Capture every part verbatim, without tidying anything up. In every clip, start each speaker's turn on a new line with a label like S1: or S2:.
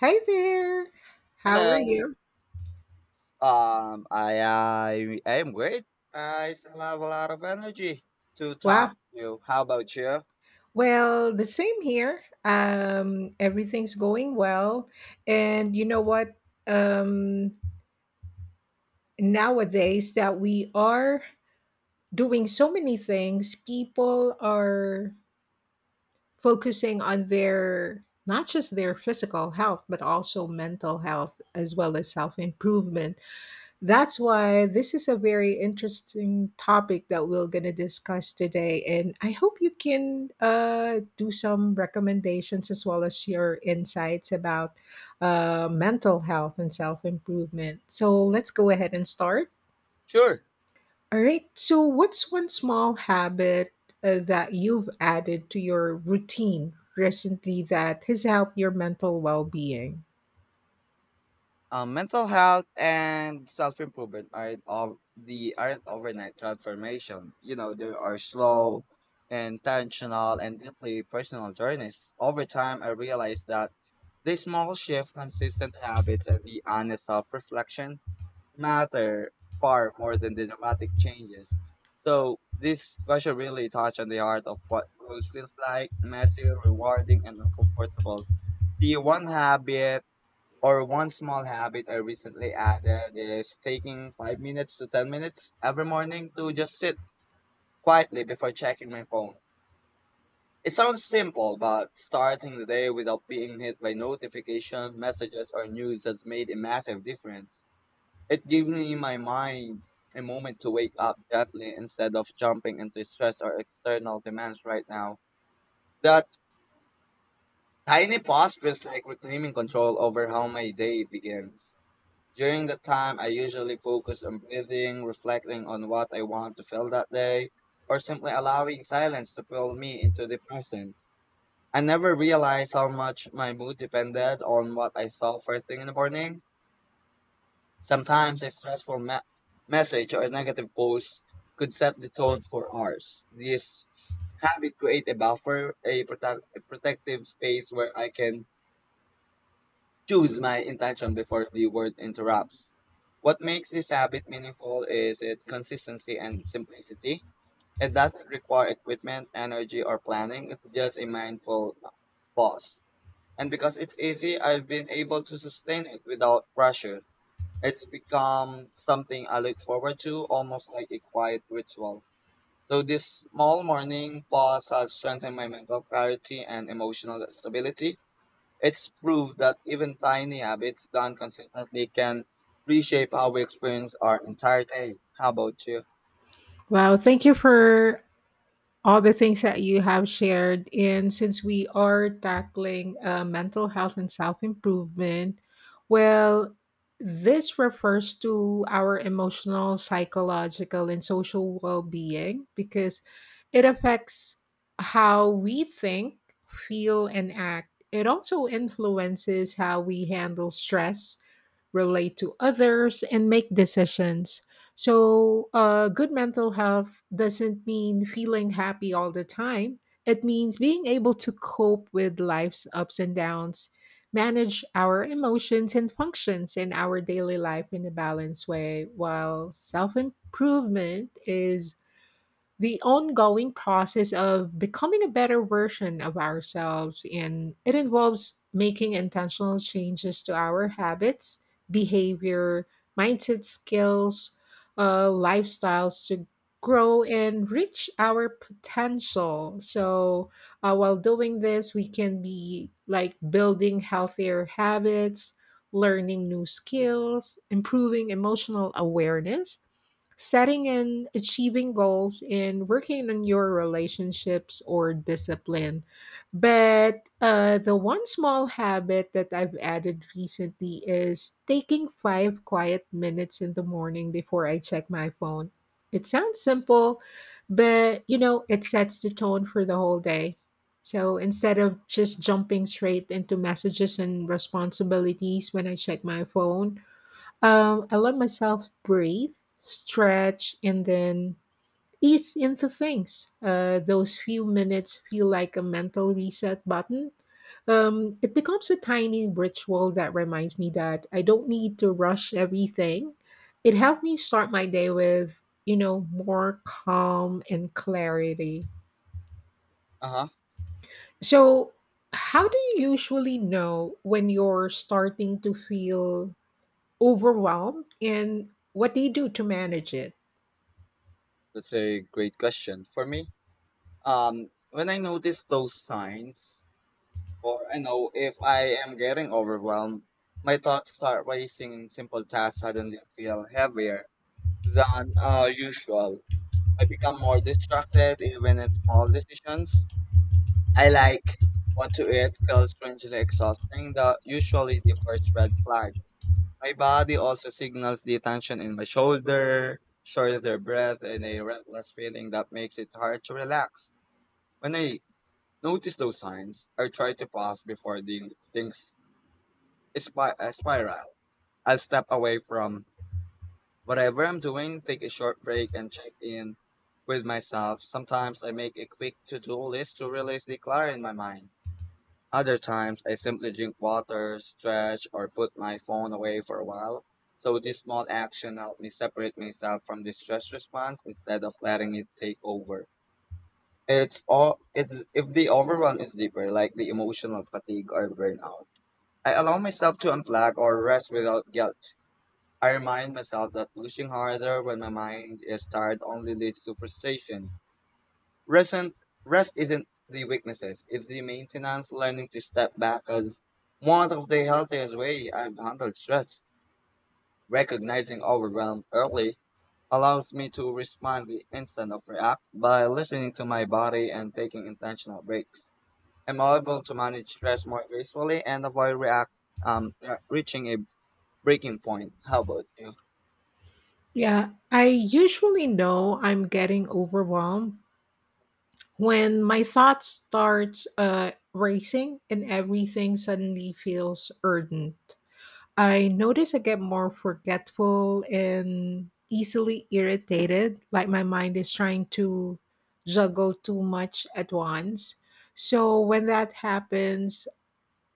S1: Hey there. How are
S2: Hello.
S1: you?
S2: Um, I, I I am great. I still have a lot of energy to talk
S1: Wow.
S2: to you. How about you?
S1: Well, the same here. Um, everything's going well. And you know what? Um, Nowadays that we are doing so many things, people are focusing on their not just their physical health, but also mental health as well as self improvement. That's why this is a very interesting topic that we're going to discuss today. And I hope you can uh, do some recommendations as well as your insights about uh, mental health and self improvement. So let's go ahead and start.
S2: Sure.
S1: All right. So, what's one small habit uh, that you've added to your routine recently that has helped your mental well being?
S2: Um, mental health and self-improvement aren't of the aren't overnight transformation. You know, they are slow, intentional, and deeply personal journeys. Over time, I realized that the small shift, consistent habits, and the honest self-reflection matter far more than the dramatic changes. So this question really touched on the heart of what growth feels like, messy, rewarding, and uncomfortable. The one habit or one small habit I recently added is taking five minutes to ten minutes every morning to just sit quietly before checking my phone. It sounds simple, but starting the day without being hit by notification messages or news has made a massive difference. It gave me my mind a moment to wake up gently instead of jumping into stress or external demands right now. That tiny pause feels like reclaiming control over how my day begins. During that time, I usually focus on breathing, reflecting on what I want to feel that day, or simply allowing silence to pull me into the present. I never realized how much my mood depended on what I saw first thing in the morning. Sometimes a stressful me- message or a negative post could set the tone for hours. This habit create a buffer, a, protect- a protective space where I can choose my intention before the word interrupts. What makes this habit meaningful is its consistency and simplicity. It doesn't require equipment, energy, or planning. It's just a mindful pause. And because it's easy, I've been able to sustain it without pressure. It's become something I look forward to, almost like a quiet ritual. So this small morning pause has strengthened my mental clarity and emotional stability. It's proof that even tiny habits done consistently can reshape how we experience our entire day. How about you?
S1: Wow. Thank you for all the things that you have shared. And since we are tackling uh, mental health and self improvement, well, this refers to our emotional, psychological, and social well being because it affects how we think, feel, and act. It also influences how we handle stress relate to others, and make decisions. So, uh, good mental health doesn't mean feeling happy all the time. It means being able to cope with life's ups and downs, manage our emotions and functions in our daily life in a balanced way, while self improvement is the ongoing process of becoming a better version of ourselves, and it involves making intentional changes to our habits, behavior, mindset, skills, uh, lifestyles to grow and reach our potential. So uh, while doing this, we can be like building healthier habits, learning new skills, improving emotional awareness, setting and achieving goals, and working on your relationships or discipline. But uh, the one small habit that I've added recently is taking five quiet minutes in the morning before I check my phone. It sounds simple, but you know, it sets the tone for the whole day. So instead of just jumping straight into messages and responsibilities when I check my phone, um, I let myself breathe, stretch, and then ease into things. Uh, those few minutes feel like a mental reset button. Um, it becomes a tiny ritual that reminds me that I don't need to rush everything. It helped me start my day with, you know, more calm and clarity.
S2: Uh-huh.
S1: So, how do you usually know when you're starting to feel overwhelmed, and what do you do to manage it?
S2: That's a great question. For me, um, when I notice those signs, or I know if I am getting overwhelmed, my thoughts start racing and simple tasks suddenly feel heavier than uh, usual. I become more distracted even in small decisions. I like what to eat feels strangely exhausting, the usually the first red flag. My body also signals the tension in my shoulder, shorter breath, and a restless feeling that makes it hard to relax. When I notice those signs, I try to pause before the things spi- uh, spiral. I'll step away from whatever I'm doing, take a short break and check in with myself. Sometimes I make a quick to-do list to release the clutter in my mind. Other times I simply drink water, stretch, or put my phone away for a while. So this small action helped me separate myself from the stress response instead of letting it take over. It's all it's if the overwhelm is deeper, like the emotional fatigue or burnout. I allow myself to unplug or rest without guilt. I remind myself that pushing harder when my mind is tired only leads to frustration. Rest, and- Rest isn't the weaknesses, it's the maintenance, learning to step back as one of the healthiest way I've handled stress. Recognizing overwhelm early allows me to respond the instant of react by listening to my body and taking intentional breaks. I'm able to manage stress more gracefully and avoid react um, re- reaching a breaking point. How about you?
S1: Yeah, I usually know I'm getting overwhelmed when my thoughts start uh, racing and everything suddenly feels urgent. I notice I get more forgetful and easily irritated, like my mind is trying to juggle too much at once. So when that happens,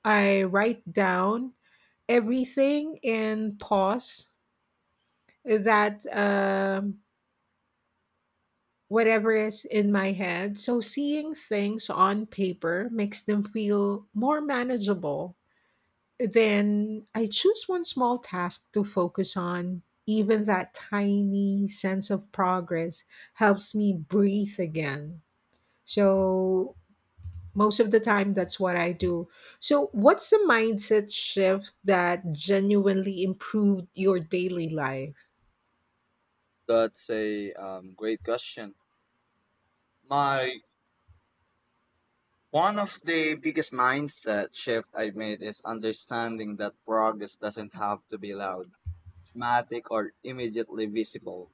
S1: I write down everything and pause that. Um, whatever is in my head. So seeing things on paper makes them feel more manageable. Then I choose one small task to focus on. Even that tiny sense of progress helps me breathe again. So, most of the time, that's what I do. So, what's the mindset shift that genuinely improved your daily life?
S2: That's a um, great question. My one of the biggest mindset shift I made is understanding that progress doesn't have to be loud, dramatic, or immediately visible.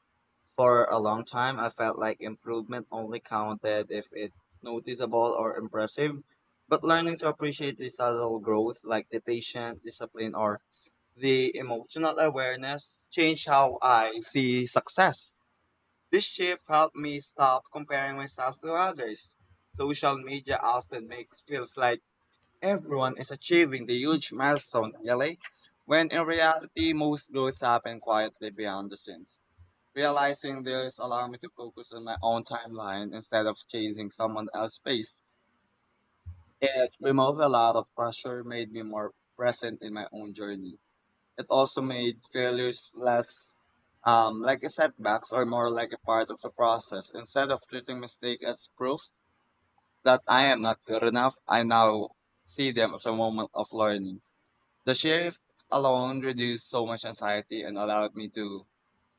S2: For a long time, I felt like improvement only counted if it's noticeable or impressive. But learning to appreciate the subtle growth, like the patient discipline or the emotional awareness, changed how I see success. This shift helped me stop comparing myself to others. Social media often makes feels like everyone is achieving the huge milestone early, when in reality most growth happens quietly behind the scenes. Realizing this allowed me to focus on my own timeline instead of chasing someone else's pace. It removed a lot of pressure, made me more present in my own journey. It also made failures less um, like a setbacks or more like a part of the process. Instead of treating mistakes as proof that I am not good enough, I now see them as a moment of learning. The shift alone reduced so much anxiety and allowed me to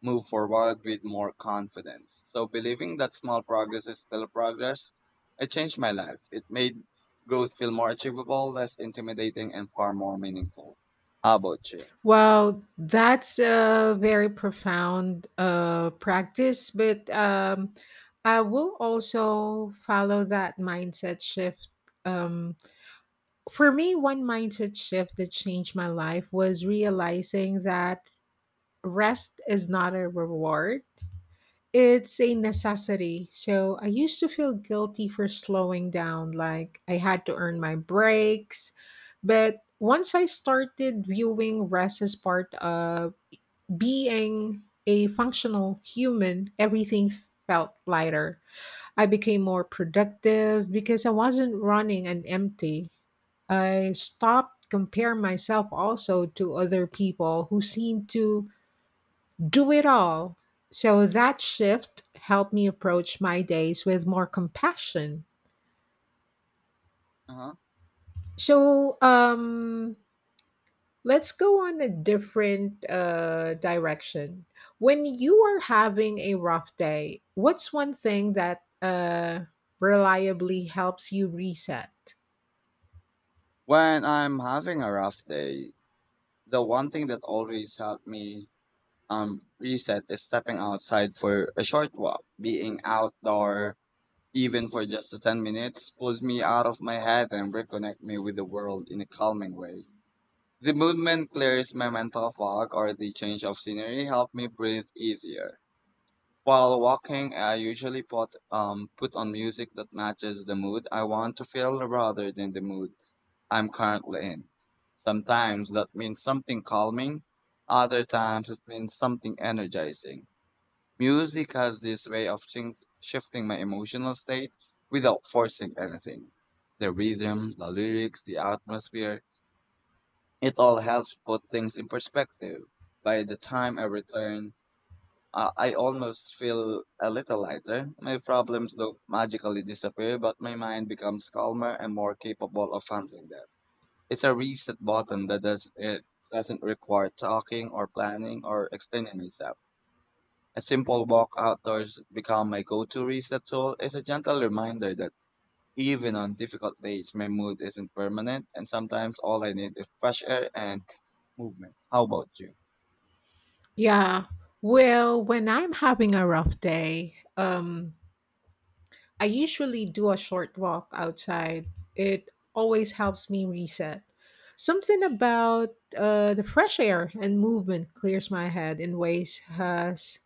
S2: move forward with more confidence. So believing that small progress is still progress, it changed my life. It made growth feel more achievable, less intimidating, and far more meaningful. How about you?
S1: Wow, that's a very profound uh, practice, but um, I will also follow that mindset shift. Um, for me, one mindset shift that changed my life was realizing that rest is not a reward, it's a necessity. So I used to feel guilty for slowing down, like I had to earn my breaks. But once I started viewing rest as part of being a functional human, everything felt lighter. I became more productive because I wasn't running an empty. I stopped comparing myself also to other people who seemed to do it all. So that shift helped me approach my days with more compassion.
S2: Uh-huh.
S1: So, um, let's go on a different uh, direction. When you are having a rough day, what's one thing that uh, reliably helps you reset?
S2: When I'm having a rough day, the one thing that always helped me um reset is stepping outside for a short walk. Being outdoor, even for just the ten minutes, pulls me out of my head and reconnect me with the world in a calming way. The movement clears my mental fog or the change of scenery help me breathe easier. While walking, I usually put um put on music that matches the mood I want to feel rather than the mood I'm currently in. Sometimes that means something calming, other times it means something energizing. Music has this way of things shifting my emotional state without forcing anything. The rhythm, the lyrics, the atmosphere, it all helps put things in perspective. By the time I return, uh, I almost feel a little lighter. My problems don't magically disappear, but my mind becomes calmer and more capable of handling them. It's a reset button that does it doesn't require talking or planning or explaining myself. A simple walk outdoors become my go-to reset tool. It's a gentle reminder that even on difficult days my mood isn't permanent and sometimes all I need is fresh air and movement. How about you?
S1: Yeah. Well, when I'm having a rough day, um, I usually do a short walk outside. It always helps me reset. Something about uh, the fresh air and movement clears my head in ways has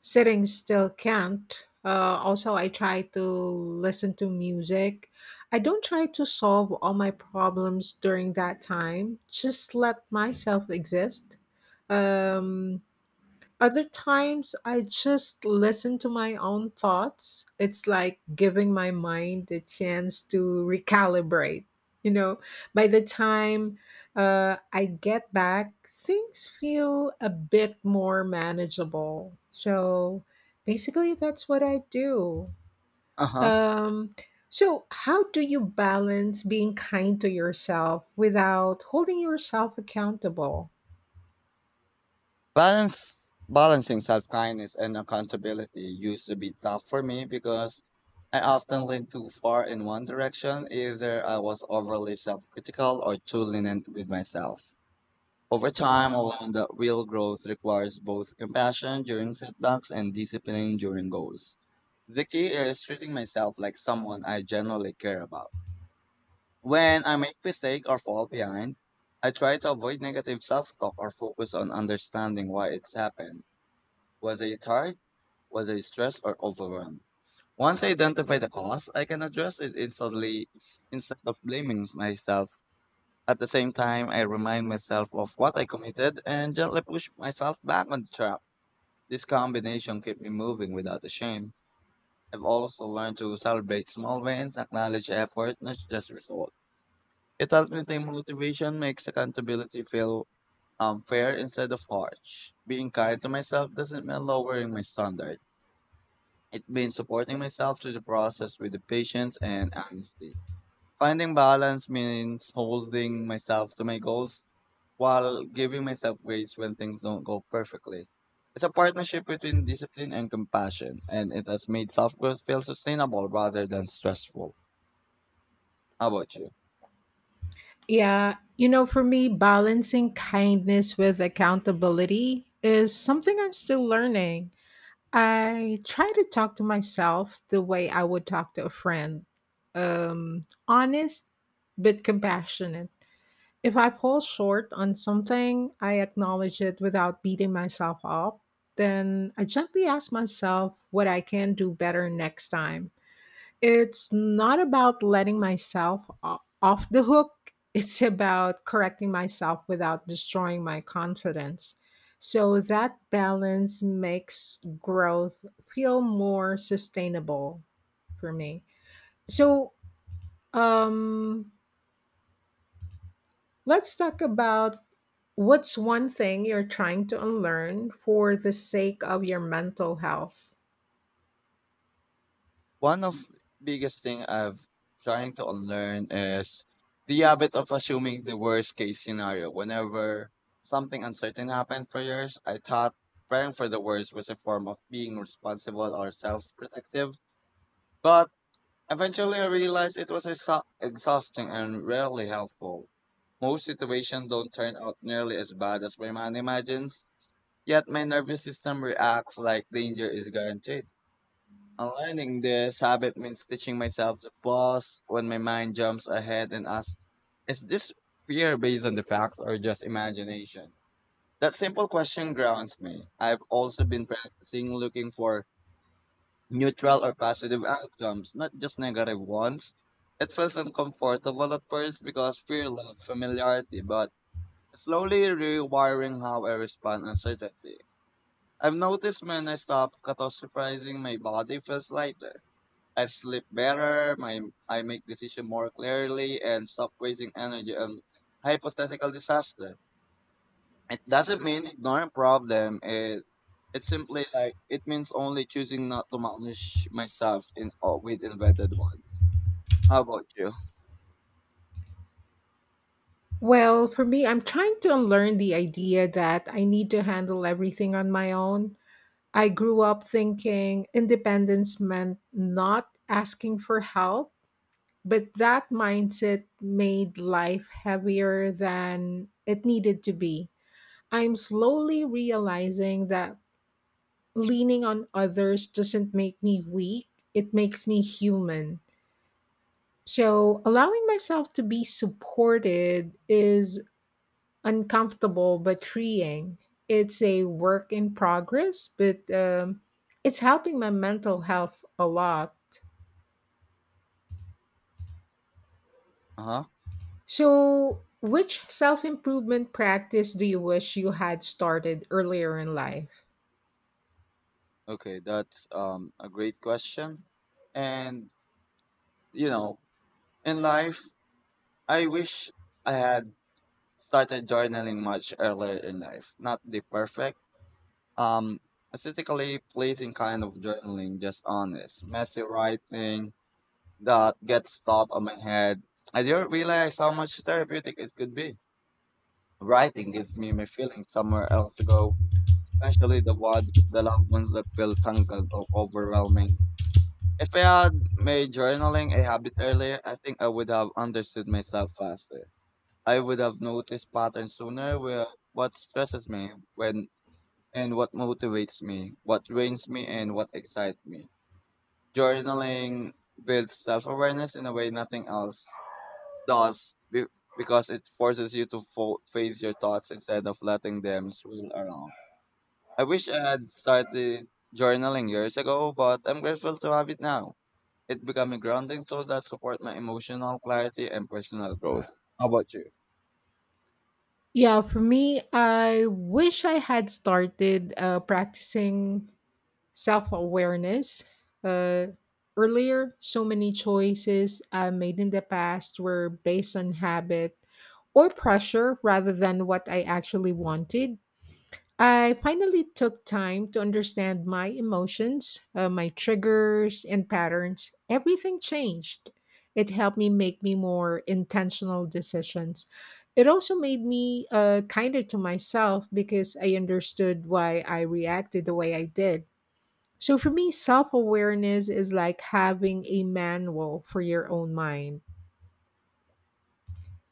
S1: sitting still can't. Uh, also, I try to listen to music. I don't try to solve all my problems during that time, just let myself exist. Um, Other times, I just listen to my own thoughts. It's like giving my mind a chance to recalibrate. You know, by the time uh, I get back, things feel a bit more manageable. So basically, that's what I do.
S2: Uh-huh.
S1: Um, so, how do you balance being kind to yourself without holding yourself accountable?
S2: Balance Balancing self-kindness and accountability used to be tough for me because I often leaned too far in one direction. Either I was overly self-critical or too lenient with myself. Over time, I learned that real growth requires both compassion during setbacks and discipline during goals. The key is treating myself like someone I genuinely care about. When I make mistake or fall behind, I try to avoid negative self-talk or focus on understanding why it's happened. Was I tired? Was I stressed or overwhelmed? Once I identify the cause, I can address it instantly instead of blaming myself. At the same time, I remind myself of what I committed and gently push myself back on the track. This combination keeps me moving without a shame. I've also learned to celebrate small wins, acknowledge effort, not just result. It helps me think motivation makes accountability feel um, fair instead of harsh. Being kind to myself doesn't mean lowering my standards. It means supporting myself through the process with the patience and honesty. Finding balance means holding myself to my goals while giving myself grace when things don't go perfectly. It's a partnership between discipline and compassion, and it has made self growth feel sustainable rather than stressful. How about you?
S1: Yeah, you know, for me, balancing kindness with accountability is something I'm still learning. I try to talk to myself the way I would talk to a friend, um, honest, but compassionate. If I fall short on something, I acknowledge it without beating myself up. Then I gently ask myself what I can do better next time. It's not about letting myself o- off the hook. It's about correcting myself without destroying my confidence. So that balance makes growth feel more sustainable for me. So, um, let's talk about what's one thing you're trying to unlearn for the sake of your mental health.
S2: One of biggest thing I've trying to unlearn is the habit of assuming the worst case scenario. Whenever something uncertain happened for years, I thought preparing for the worst was a form of being responsible or self-protective. But eventually I realized it was exha- exhausting and rarely helpful. Most situations don't turn out nearly as bad as my mind imagines, yet my nervous system reacts like danger is guaranteed. Aligning this habit means teaching myself to pause when my mind jumps ahead and ask, is this fear based on the facts or just imagination? That simple question grounds me. I've also been practicing looking for neutral or positive outcomes, not just negative ones. It feels uncomfortable at first because fear loves familiarity, but slowly rewiring how I respond uncertainty. I've noticed when I stop catastrophizing, my body feels lighter. I sleep better, my I make decision more clearly and stop wasting energy on hypothetical disaster. It doesn't mean ignoring problem. It it's simply like it means only choosing not to manage myself in or with invented ones. How about you?
S1: Well, for me, I'm trying to unlearn the idea that I need to handle everything on my own. I grew up thinking independence meant not asking for help, but that mindset made life heavier than it needed to be. I'm slowly realizing that leaning on others doesn't make me weak, it makes me human. So, allowing myself to be supported is uncomfortable but freeing. It's a work in progress, but um, it's helping my mental health a lot.
S2: Uh-huh.
S1: So, which self improvement practice do you wish you had started earlier in life?
S2: Okay, that's um a great question. And you know, in life, I wish I had started journaling much earlier in life. Not the perfect Um, aesthetically pleasing kind of journaling, just honest, messy writing that gets stuck on my head. I didn't realize how much therapeutic it could be. Writing gives me my feelings somewhere else to go, especially the one, the loved ones that feel tangled or overwhelming. If I had made journaling a habit earlier, I think I would have understood myself faster. I would have noticed patterns sooner where what stresses me when and what motivates me, what drains me, and what excites me. Journaling builds self awareness in a way nothing else does be- because it forces you to fo- face your thoughts instead of letting them swirl around. I wish I had started journaling years ago, but I'm grateful to have it now. It became a grounding tool that supports my emotional clarity and personal growth. How about you?
S1: Yeah, for me, I wish I had started uh, practicing self-awareness uh, earlier. So many choices I made in the past were based on habit or pressure rather than what I actually wanted. I finally took time to understand my emotions, uh, my triggers and patterns, everything changed. It helped me make me more intentional decisions. It also made me uh, kinder to myself because I understood why I reacted the way I did. So for me, self awareness is like having a manual for your own mind.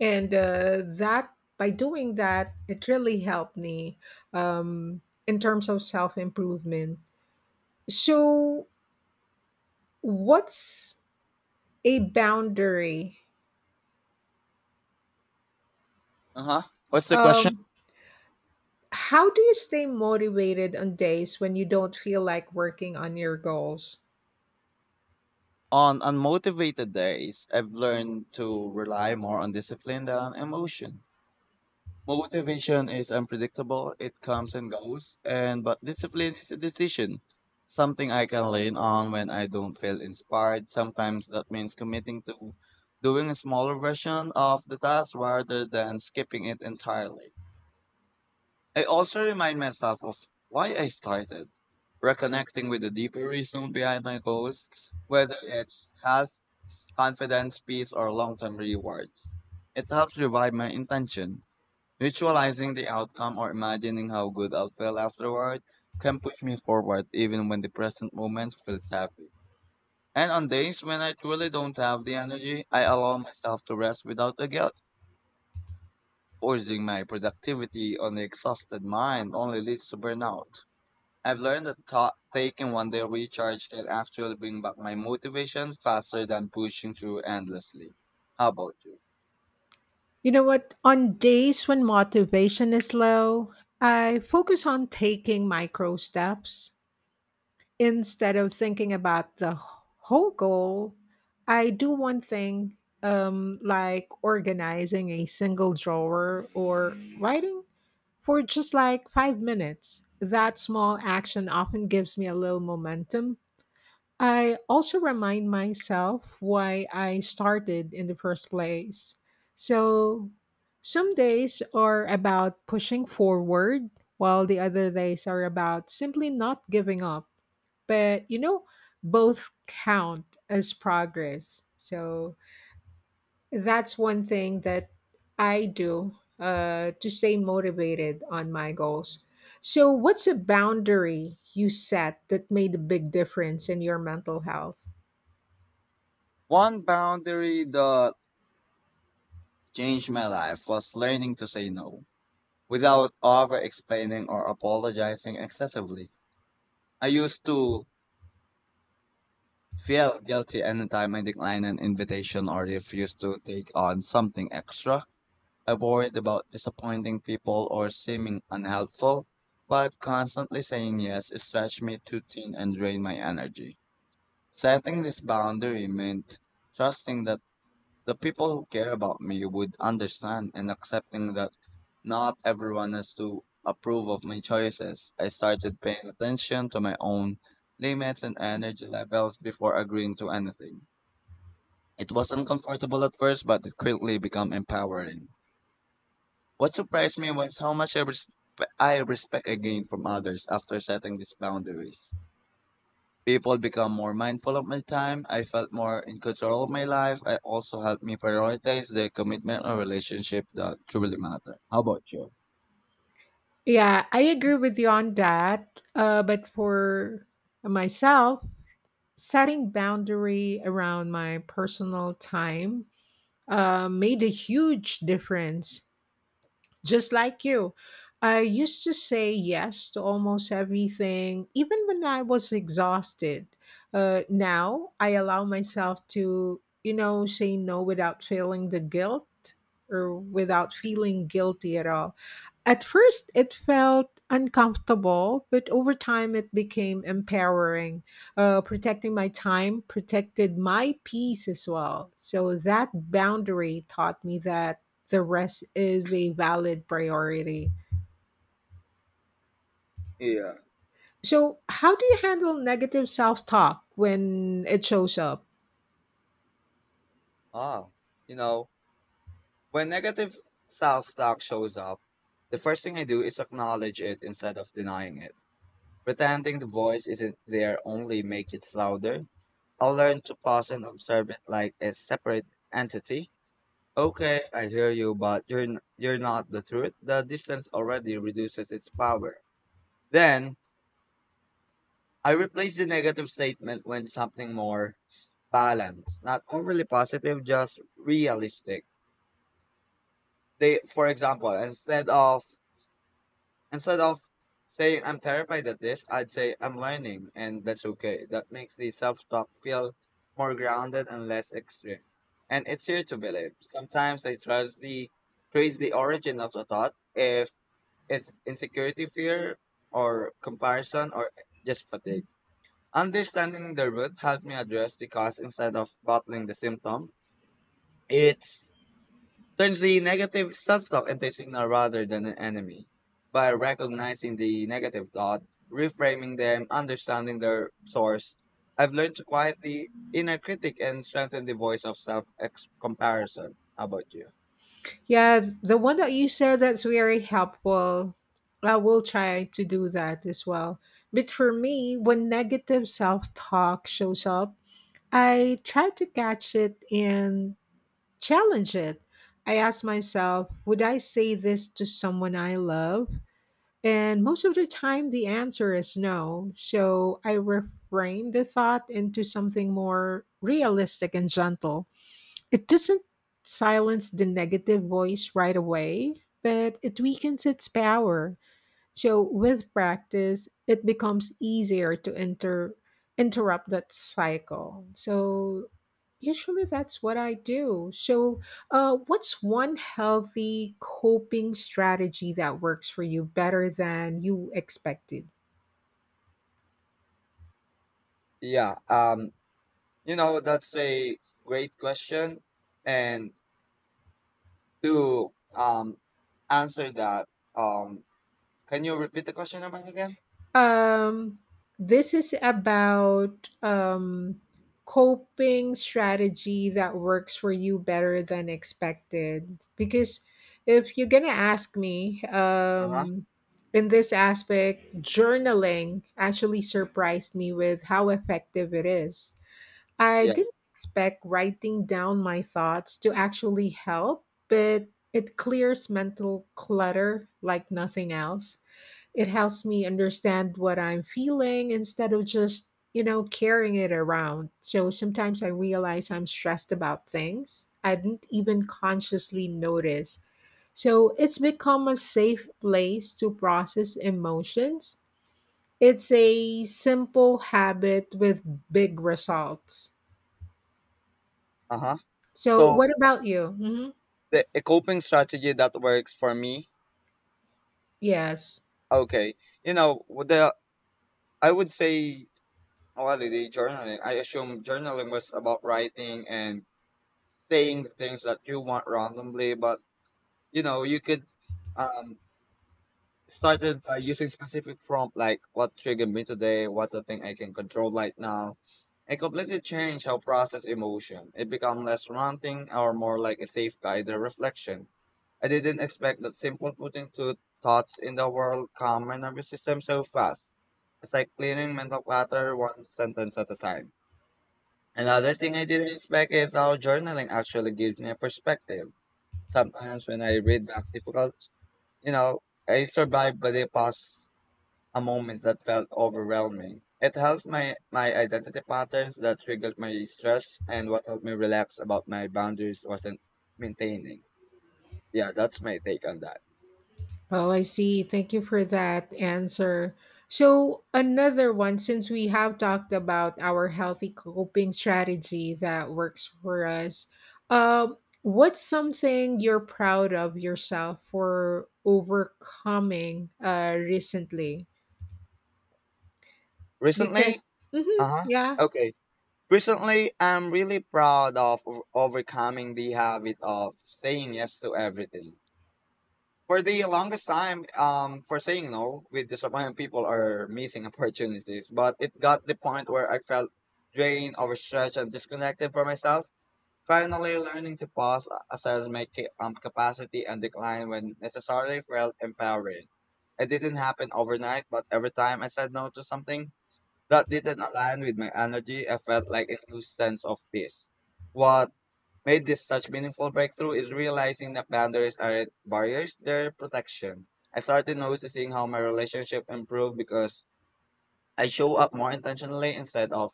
S1: And uh, that by doing that, it really helped me um, in terms of self improvement. So, what's a boundary?
S2: Uh huh. What's the question?
S1: Um, how do you stay motivated on days when you don't feel like working on your goals?
S2: On unmotivated days, I've learned to rely more on discipline than emotion. Motivation is unpredictable, it comes and goes, and but discipline is a decision, something I can lean on when I don't feel inspired. Sometimes that means committing to doing a smaller version of the task rather than skipping it entirely. I also remind myself of why I started, reconnecting with the deeper reason behind my goals, whether it's health, confidence, peace, or long term rewards. It helps revive my intention. Visualizing the outcome or imagining how good I'll feel afterward can push me forward even when the present moment feels heavy. And on days when I truly don't have the energy, I allow myself to rest without the guilt. Forcing my productivity on an exhausted mind only leads to burnout. I've learned that ta taking one day recharge can actually bring back my motivation faster than pushing through endlessly. How about you?
S1: You know what? On days when motivation is low, I focus on taking micro steps instead of thinking about the whole goal. I do one thing, um, like organizing a single drawer or writing for just like five minutes. That small action often gives me a little momentum. I also remind myself why I started in the first place. So, some days are about pushing forward, while the other days are about simply not giving up. But, you know, both count as progress. So, that's one thing that I do uh, to stay motivated on my goals. So, what's a boundary you set that made a big difference in your mental health?
S2: One boundary that changed my life was learning to say no without over explaining or apologizing excessively. I used to feel guilty anytime I declined an invitation or refused to take on something extra. I worried about disappointing people or seeming unhelpful, but constantly saying yes stretched me too thin and drained my energy. Setting this boundary meant trusting that the people who care about me would understand and accepting that not everyone has to approve of my choices. I started paying attention to my own limits and energy levels before agreeing to anything. It was uncomfortable at first, but it quickly became empowering. What surprised me was how much I, respe- I respect I gained from others after setting these boundaries. People become more mindful of my time. I felt more in control of my life. I also helped me prioritize the commitment or relationship that truly matter. How about you?
S1: Yeah, I agree with you on that. Uh, but for myself, setting boundary around my personal time uh, made a huge difference. Just like you, I used to say yes to almost everything, even when I was exhausted. Uh, now I allow myself to, you know, say no without feeling the guilt or without feeling guilty at all. At first, it felt uncomfortable, but over time, it became empowering. Uh, protecting my time protected my peace as well. So, that boundary taught me that the rest is a valid priority.
S2: Yeah.
S1: So, how do you handle negative self talk when it shows up?
S2: Ah, you know, when negative self-talk shows up, the first thing I do is acknowledge it instead of denying it. Pretending the voice isn't there only makes it louder. I'll learn to pause and observe it like a separate entity. Okay, I hear you, but you're n- you're not the truth. The distance already reduces its power. Then I replace the negative statement with something more balanced, not overly positive, just realistic. They, for example, instead of Instead of saying I'm terrified at this, I'd say I'm learning and that's okay. That makes the self-talk feel more grounded and less extreme. And it's here to believe. Sometimes I trust the trace the origin of the thought if it's insecurity fear or comparison or just fatigue. Understanding the root helped me address the cause instead of battling the symptom. It's turns the negative self-talk into a signal rather than an enemy. By recognizing the negative thought, reframing them, understanding their source, I've learned to quiet the inner critic and strengthen the voice of self-comparison. How about you?
S1: Yeah, the one that you said that's very helpful. I will try to do that as well. But for me, when negative self talk shows up, I try to catch it and challenge it. I ask myself, would I say this to someone I love? And most of the time, the answer is no. So I reframe the thought into something more realistic and gentle. It doesn't silence the negative voice right away, but it weakens its power. So with practice, it becomes easier to inter interrupt that cycle. So usually that's what I do. So uh, what's one healthy coping strategy that works for you better than you expected?
S2: Yeah, um, you know, that's a great question. And to um answer that, um, can you repeat the question about again?
S1: Um, this is about um, coping strategy that works for you better than expected. Because if you're gonna ask me,
S2: Uh-huh.
S1: um, in this aspect, journaling actually surprised me with how effective it is. I
S2: Yeah.
S1: didn't expect writing down my thoughts to actually help, but it clears mental clutter like nothing else. It helps me understand what I'm feeling instead of just, you know, carrying it around. So sometimes I realize I'm stressed about things I didn't even consciously notice. So it's become a safe place to process emotions. It's a simple habit with big results.
S2: Uh-huh.
S1: So,
S2: So
S1: what about you? Hmm.
S2: the a coping strategy that works for me.
S1: Yes.
S2: Okay. You know, with the I would say holiday journaling. I assume journaling was about writing and saying the things that you want randomly, but you know, you could um started by using specific prompt like what triggered me today, what's the thing I can control right now. It completely changed how I process emotion. It became less ranting or more like a safe guide or reflection. I didn't expect that simple putting two thoughts in the world calm my nervous system so fast. It's like clearing mental clutter one sentence at a time. Another thing I didn't expect is how journaling actually gives me a perspective. Sometimes when I read back difficult, you know, I survived by the past a moment that felt overwhelming. It helped my, my identity patterns that triggered my stress and what helped me relax about my boundaries wasn't maintaining. Yeah, that's my take on that.
S1: Oh, I see. Thank you for that answer. So, another one, since we have talked about our healthy coping strategy that works for us, um, what's something you're proud of yourself for overcoming uh, recently?
S2: Recently,
S1: Because, mhm,
S2: uh-huh.
S1: yeah,
S2: Okay. Recently, I'm really proud of o- overcoming the habit of saying yes to everything. For the longest time, um, for saying no with disappointing people or missing opportunities, but it got the point where I felt drained, overstretched, and disconnected from myself. Finally, learning to pause, assess my ca- um, capacity, and decline when necessary felt empowering. It didn't happen overnight, but every time I said no to something that didn't align with my energy, I felt like a new sense of peace. What made this such meaningful breakthrough is realizing that boundaries aren't barriers, they're protection. I started noticing how my relationship improved because I show up more intentionally instead of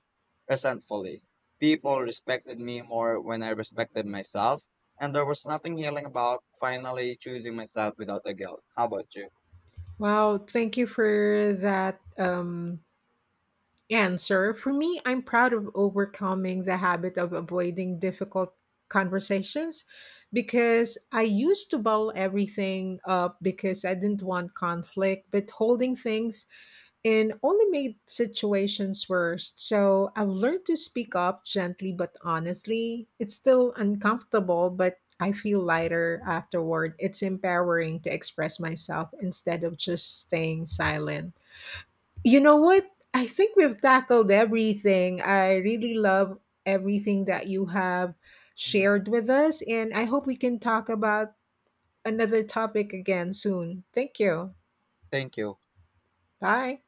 S2: resentfully. People respected me more when I respected myself, and there was nothing healing about finally choosing myself without a guilt. How about you?
S1: wow, thank you for that. Um, Answer For me, I'm proud of overcoming the habit of avoiding difficult conversations because I used to bottle everything up because I didn't want conflict, but holding things in only made situations worse. So I've learned to speak up gently but honestly. It's still uncomfortable, but I feel lighter afterward. It's empowering to express myself instead of just staying silent. You know what? I think we've tackled everything. I really love everything that you have
S2: Mhm.
S1: shared with us, and I hope we can talk about another topic again soon. Thank you.
S2: Thank you.
S1: Bye.